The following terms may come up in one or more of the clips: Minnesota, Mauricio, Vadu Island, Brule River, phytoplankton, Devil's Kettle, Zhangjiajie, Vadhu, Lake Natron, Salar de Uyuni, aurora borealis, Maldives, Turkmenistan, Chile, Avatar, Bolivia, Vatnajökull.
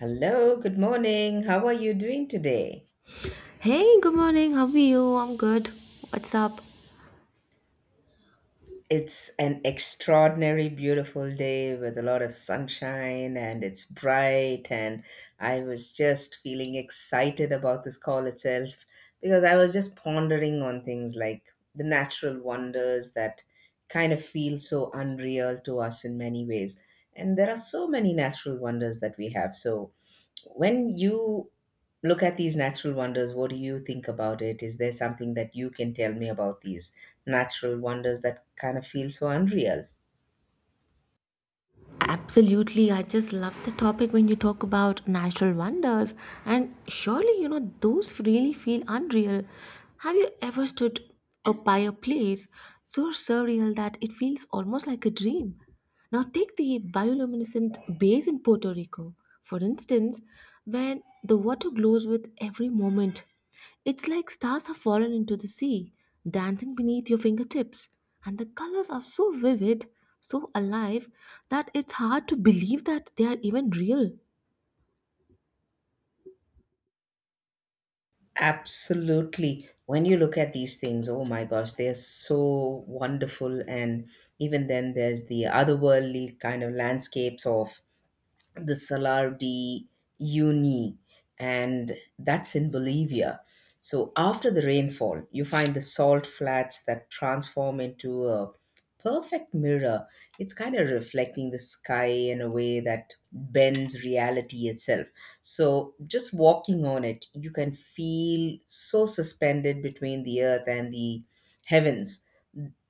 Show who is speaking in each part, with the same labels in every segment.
Speaker 1: Hello, good morning. How are you doing today?
Speaker 2: Hey, good morning. How are you? I'm good. What's up?
Speaker 1: It's an extraordinary beautiful day with a lot of sunshine and it's bright, and I was just feeling excited about this call itself, because I was just pondering on things like the natural wonders that kind of feel so unreal to us in many ways. And there are so many natural wonders that we have. So when you look at these natural wonders, what do you think about it? Is there something that you can tell me about these natural wonders that kind of feel so unreal?
Speaker 2: Absolutely, I just love the topic when you talk about natural wonders. And surely, you know, those really feel unreal. Have you ever stood up by a place so surreal that it feels almost like a dream? Now, take the bioluminescent bays in Puerto Rico, for instance, when the water glows with every moment. It's like stars have fallen into the sea, dancing beneath your fingertips. And the colors are so vivid, so alive, that it's hard to believe that they are even real.
Speaker 1: Absolutely. When you look at these things, oh my gosh, they are so wonderful. And even then, there's the otherworldly kind of landscapes of the Salar de Uyuni, and that's in Bolivia. So after the rainfall, you find the salt flats that transform into a perfect mirror. It's kind of reflecting the sky in a way that bends reality itself. So just walking on it, you can feel so suspended between the earth and the heavens,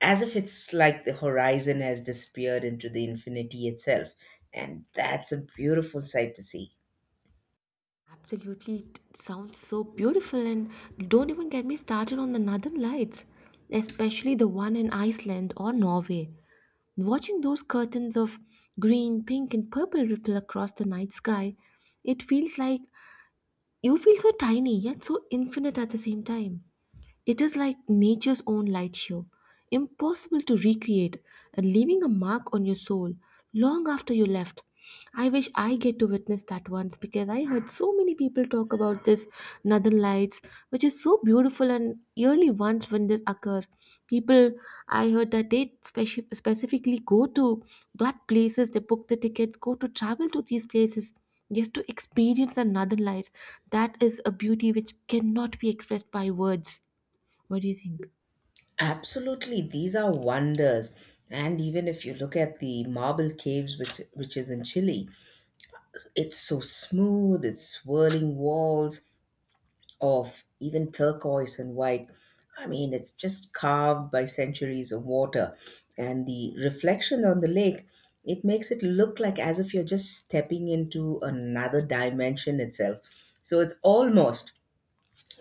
Speaker 1: as if it's like the horizon has disappeared into the infinity itself. And that's a beautiful sight to see.
Speaker 2: Absolutely, it sounds so beautiful, and don't even get me started on the northern lights, especially the one in Iceland or Norway. Watching those curtains of green, pink, and purple ripple across the night sky, it feels like you feel so tiny yet so infinite at the same time. It is like nature's own light show, impossible to recreate, and leaving a mark on your soul long after you left. I wish I get to witness that once because I heard so many people talk about this northern lights, which is so beautiful and yearly once when this occurs. People, I heard that they specifically go to that places, they book the tickets, go to travel to these places just to experience the northern lights. That is a beauty which cannot be expressed by words. What do you think?
Speaker 1: Absolutely, these are wonders. And even if you look at the marble caves, which is in Chile, it's so smooth, it's swirling walls, of even turquoise and white. I mean, it's just carved by centuries of water. And the reflection on the lake, it makes it look like as if you're just stepping into another dimension itself. So it's almost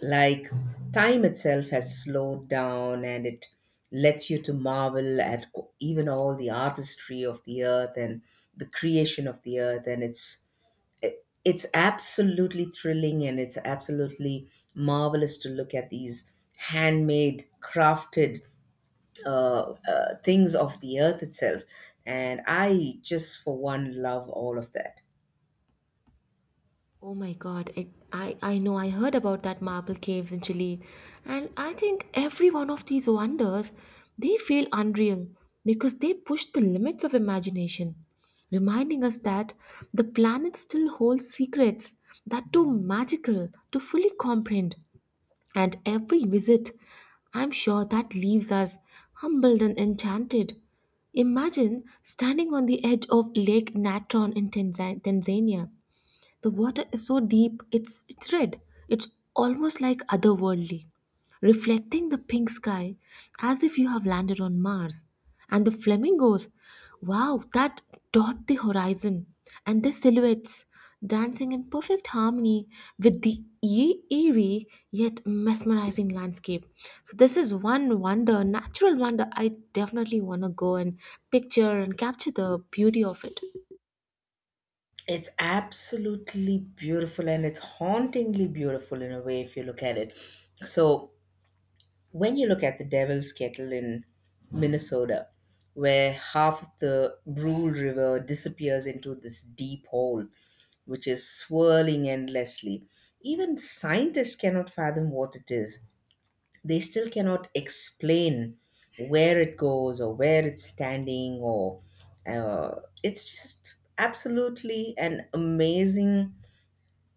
Speaker 1: like time itself has slowed down and it lets you to marvel at even all the artistry of the earth and the creation of the earth. And it's it's absolutely thrilling and it's absolutely marvelous to look at these handmade crafted things of the earth itself, and I just for one love all of that.
Speaker 2: Oh my God, I know I heard about that marble caves in Chile, and I think every one of these wonders, they feel unreal because they push the limits of imagination, reminding us that the planet still holds secrets that too magical to fully comprehend. And every visit, I'm sure that leaves us humbled and enchanted. Imagine standing on the edge of Lake Natron in Tanzania. The water is so deep, it's red. It's almost like otherworldly, reflecting the pink sky as if you have landed on Mars. And the flamingos, wow, that dot the horizon. And their silhouettes dancing in perfect harmony with the eerie yet mesmerizing landscape. So, this is one wonder, natural wonder. I definitely want to go and picture and capture the beauty of it.
Speaker 1: It's absolutely beautiful, and it's hauntingly beautiful in a way if you look at it. So when you look at the Devil's Kettle in Minnesota, where half of the Brule River disappears into this deep hole, which is swirling endlessly, even scientists cannot fathom what it is. They still cannot explain where it goes or where it's standing, or uh, it's just absolutely an amazing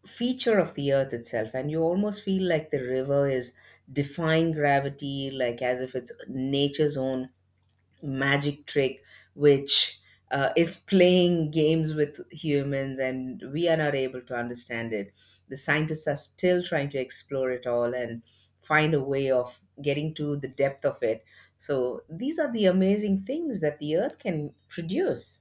Speaker 1: feature of the earth itself, and you almost feel like the river is defying gravity, like as if it's nature's own magic trick which is playing games with humans, and we are not able to understand it. The scientists are still trying to explore it all and find a way of getting to the depth of it. So these are the amazing things that the earth can produce.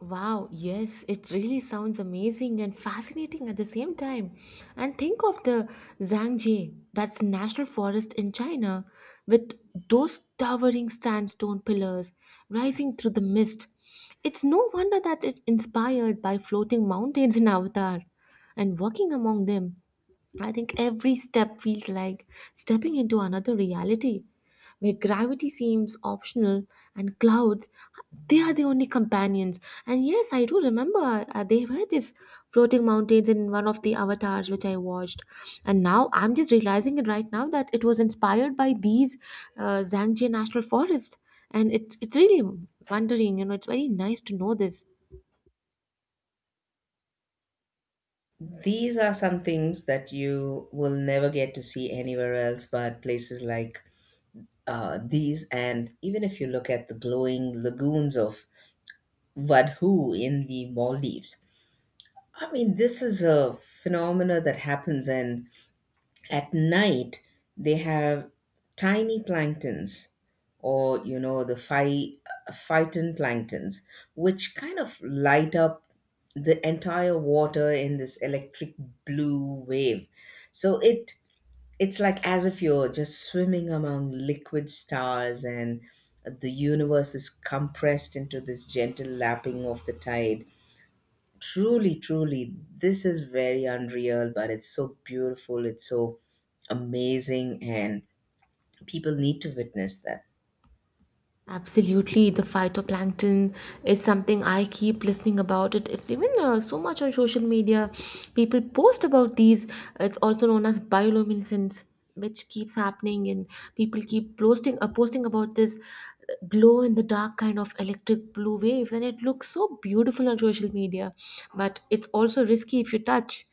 Speaker 2: Wow, yes, it really sounds amazing and fascinating at the same time. And think of the zhangjiajie, that's a national forest in China, with those towering sandstone pillars rising through the mist. It's no wonder that it's inspired by floating mountains in Avatar. And walking among them, I think every step feels like stepping into another reality where gravity seems optional and clouds, they are the only companions. And yes, I do remember, they were these floating mountains in one of the avatars which I watched, and now I'm just realizing it right now that it was inspired by these zangje national forest. And it's really wondering, you know, it's very nice to know this.
Speaker 1: These are some things that you will never get to see anywhere else but places like these. And even if you look at the glowing lagoons of Vadhu in the Maldives, I mean, this is a phenomena that happens, and at night they have tiny planktons, or you know the phyton planktons, which kind of light up the entire water in this electric blue wave. So it, it's like as if you're just swimming among liquid stars, and the universe is compressed into this gentle lapping of the tide. Truly, truly, this is very unreal, but it's so beautiful, it's so amazing, and people need to witness that.
Speaker 2: Absolutely, the phytoplankton is something I keep listening about. It's even so much on social media. People post about these. It's also known as bioluminescence, which keeps happening, and people keep posting posting about this glow in the dark kind of electric blue waves, and it looks so beautiful on social media. But it's also risky if you touch.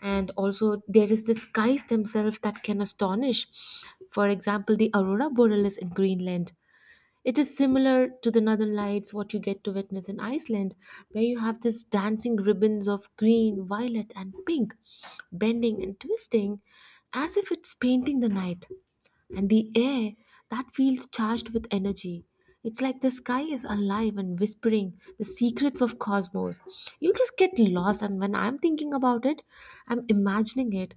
Speaker 2: And also there is the skies themselves that can astonish, for example the aurora borealis in Greenland. It is similar to the Northern Lights, what you get to witness in Iceland, where you have these dancing ribbons of green, violet, and pink, bending and twisting as if it's painting the night. And the air that feels charged with energy. It's like the sky is alive and whispering the secrets of cosmos. You just get lost, and when I'm thinking about it, I'm imagining it.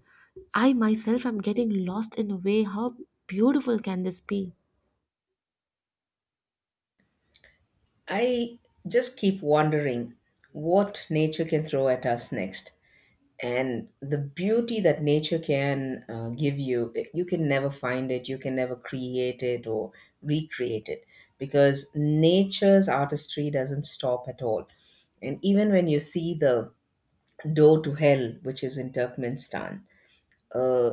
Speaker 2: I myself am getting lost in a way. How beautiful can this be?
Speaker 1: I just keep wondering what nature can throw at us next. And the beauty that nature can give you, you can never find it, you can never create it or recreate it, because nature's artistry doesn't stop at all. And even when you see the door to hell, which is in Turkmenistan, uh,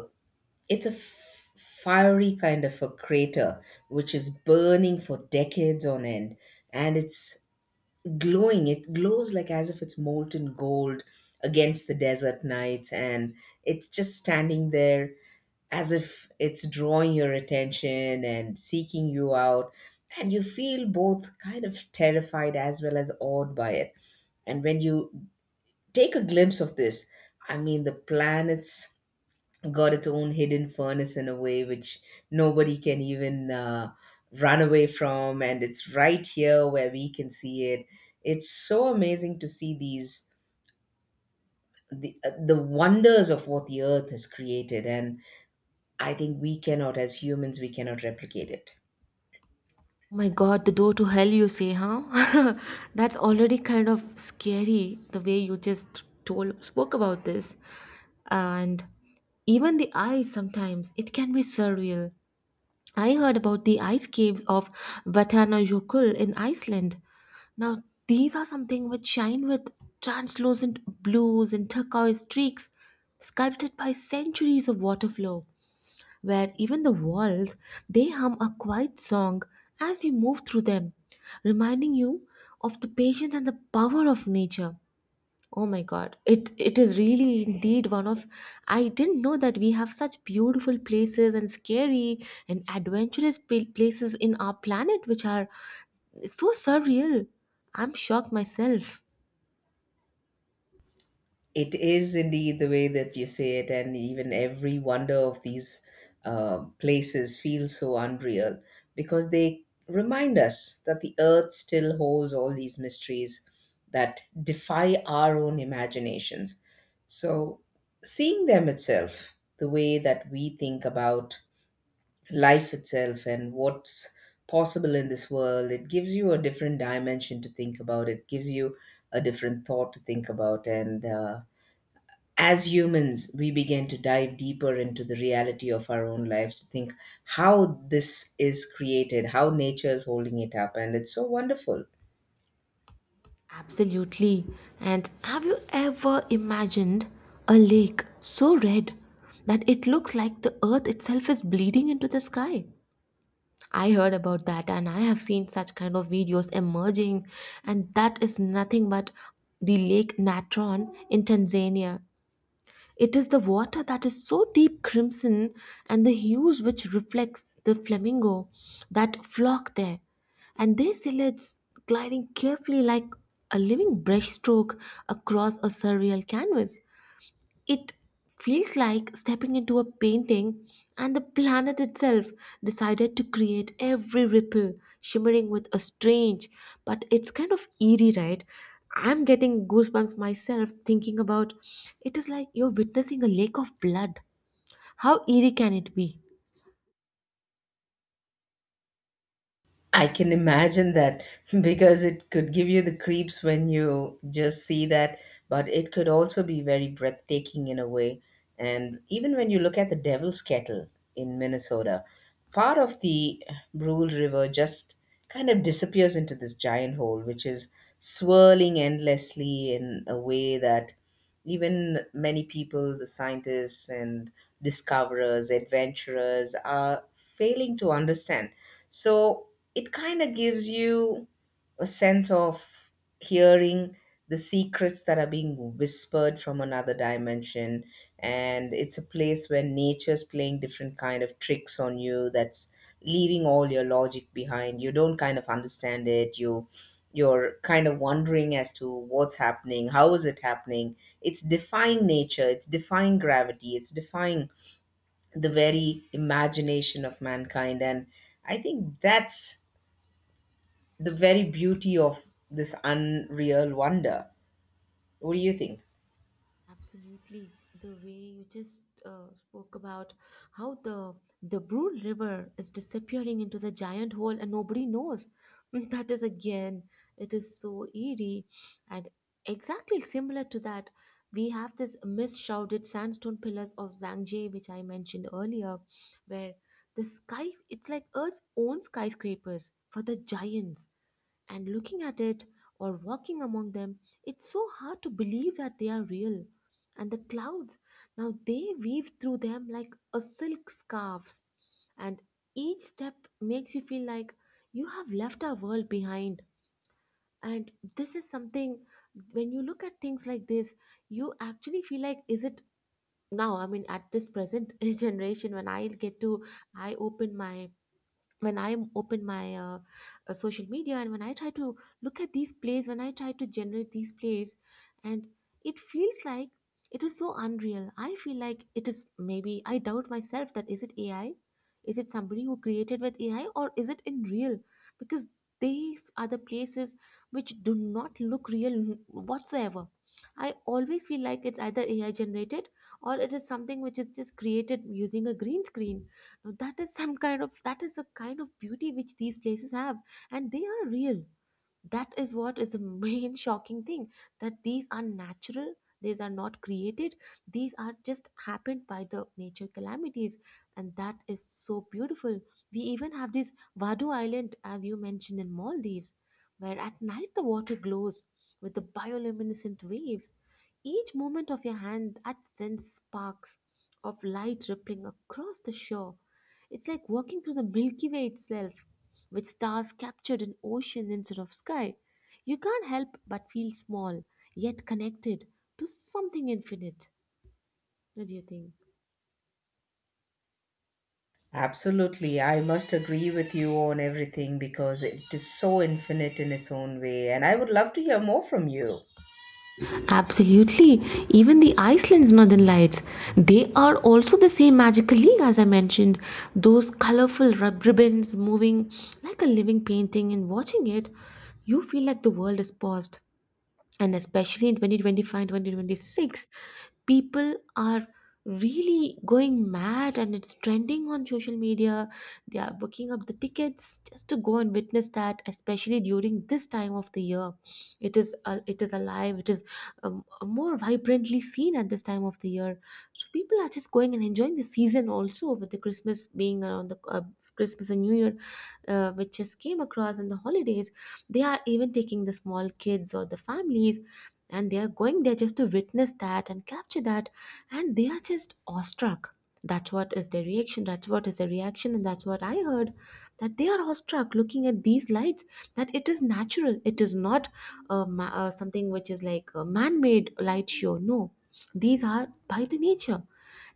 Speaker 1: it's a fiery kind of a crater which is burning for decades on end, and it's glowing, it glows like as if it's molten gold against the desert nights. And it's just standing there as if it's drawing your attention and seeking you out, and you feel both kind of terrified as well as awed by it. And when you take a glimpse of this, I mean, the planets got its own hidden furnace in a way which nobody can even run away from, and it's right here where we can see it. It's so amazing to see these, the wonders of what the earth has created, and I think we cannot, as humans we cannot replicate it.
Speaker 2: Oh my God, the door to hell, you say, huh? That's already kind of scary the way you just told spoke about this. And even the ice sometimes it can be surreal. I heard about the ice caves of Vatnajökull in Iceland. Now these are something which shine with translucent blues and turquoise streaks, sculpted by centuries of water flow, where even the walls they hum a quiet song as you move through them, reminding you of the patience and the power of nature. Oh my God, it is really indeed one of, I didn't know that we have such beautiful places and scary and adventurous places in our planet which are so surreal. I'm shocked myself.
Speaker 1: It is indeed the way that you say it, and even every wonder of these places feels so unreal, because they remind us that the earth still holds all these mysteries that defy our own imaginations. So, seeing them itself, the way that we think about life itself and what's possible in this world, it gives you a different dimension to think about, it gives you a different thought to think about, and as humans, we begin to dive deeper into the reality of our own lives to think how this is created, how nature is holding it up, and it's so wonderful.
Speaker 2: Absolutely. And have you ever imagined a lake so red that it looks like the earth itself is bleeding into the sky? I heard about that and I have seen such kind of videos emerging, and that is nothing but the lake Natron in Tanzania. It is the water that is so deep crimson, and the hues which reflects the flamingo that flock there. And their silhouettes gliding carefully like a living brushstroke across a surreal canvas. It feels like stepping into a painting, and the planet itself decided to create every ripple, shimmering with a strange, but it's kind of eerie, right? I'm getting goosebumps myself thinking about it. Is like you're witnessing a lake of blood. How eerie can it be?
Speaker 1: I can imagine that because it could give you the creeps when you just see that, but it could also be very breathtaking in a way. And even when you look at the Devil's Kettle in Minnesota, part of the Brule River just kind of disappears into this giant hole, which is swirling endlessly in a way that even many people, the scientists and discoverers, adventurers, are failing to understand. So, it kind of gives you a sense of hearing the secrets that are being whispered from another dimension. And it's a place where nature's playing different kind of tricks on you, that's leaving all your logic behind. You don't kind of understand it, you're kind of wondering as to what's happening, how is it happening. It's defying nature, it's defying gravity, it's defying the very imagination of mankind, and I think that's the very beauty of this unreal wonder. What do you think?
Speaker 2: Absolutely. The way you just spoke about how the Brule River is disappearing into the giant hole and nobody knows. That is again, it is so eerie and exactly similar to that. We have this mist-shrouded sandstone pillars of Zhangje, which I mentioned earlier, where the sky, it's like Earth's own skyscrapers for the giants. And looking at it or walking among them, it's so hard to believe that they are real. And the clouds, now they weave through them like a silk scarves. And each step makes you feel like you have left our world behind. And this is something, when you look at things like this, you actually feel like, is it now? I mean, at this present generation, when I get to, I open my, when I open my social media and when I try to look at these plays, when I try to generate these plays, and it feels like it is so unreal. I feel like it is, maybe I doubt myself, that is it AI? Is it somebody who created with AI or is it in real? Because these are the places which do not look real whatsoever. I always feel like it's either AI generated or it is something which is just created using a green screen. Now that is some kind of, that is a kind of beauty which these places have, and they are real. That is what is the main shocking thing, that these are natural, these are not created, these are just happened by the nature calamities, and that is so beautiful. We even have this vadu island as you mentioned in Maldives, where at night the water glows with the bioluminescent waves. Each movement of your hand that sends sparks of light rippling across the shore. It's like walking through the milky way itself, with stars captured in ocean instead of sky, you can't help but feel small, yet connected to something infinite. What do you think?
Speaker 1: Absolutely. I must agree with you on everything because it is so infinite in its own way. And I would love to hear more from you.
Speaker 2: Absolutely. Even the Iceland's northern lights, they are also the same magical league as I mentioned. Those colorful ribbons moving like a living painting, and watching it, you feel like the world is paused. And especially in 2025, 2026, people are really going mad and it's trending on social media. They are booking up the tickets just to go and witness that, especially during this time of the year. It is it is alive, it is more vibrantly seen at this time of the year. So people are just going and enjoying the season, also with the Christmas being around, the Christmas and new year, which just came across, and the holidays. They are even taking the small kids or the families, and they are going there just to witness that and capture that, and they are just awestruck. That's what is their reaction, that's what is their reaction, and that's what I heard, that they are awestruck looking at these lights, that it is natural, it is not something which is like a man-made light show. No, these are by the nature.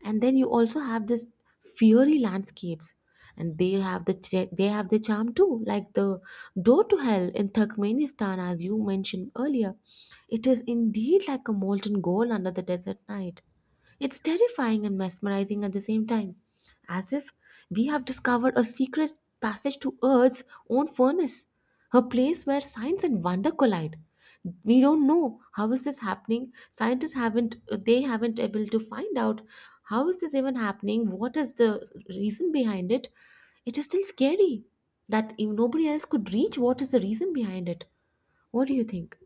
Speaker 2: And then you also have this fiery landscapes, and they have the they have the charm too, like the door to hell in Turkmenistan as you mentioned earlier. It is indeed like a molten gold under the desert night. It's terrifying and mesmerizing at the same time, as if we have discovered a secret passage to Earth's own furnace, a place where science and wonder collide. We don't know how is this happening. Scientists haven't, they haven't able to find out how is this even happening. What is the reason behind it? It is still scary that if nobody else could reach. What is the reason behind it? What do you think?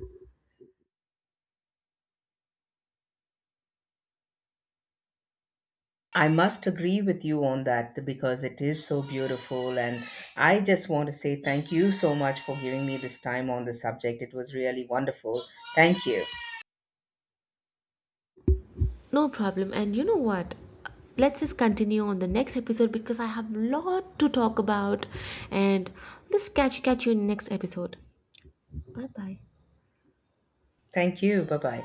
Speaker 1: I must agree with you on that because it is so beautiful. And I just want to say thank you so much for giving me this time on this subject. It was really wonderful. Thank you.
Speaker 2: No problem. And you know what? Let's just continue on the next episode because I have a lot to talk about. And let's catch you in the next episode. Bye bye.
Speaker 1: Thank you. Bye bye.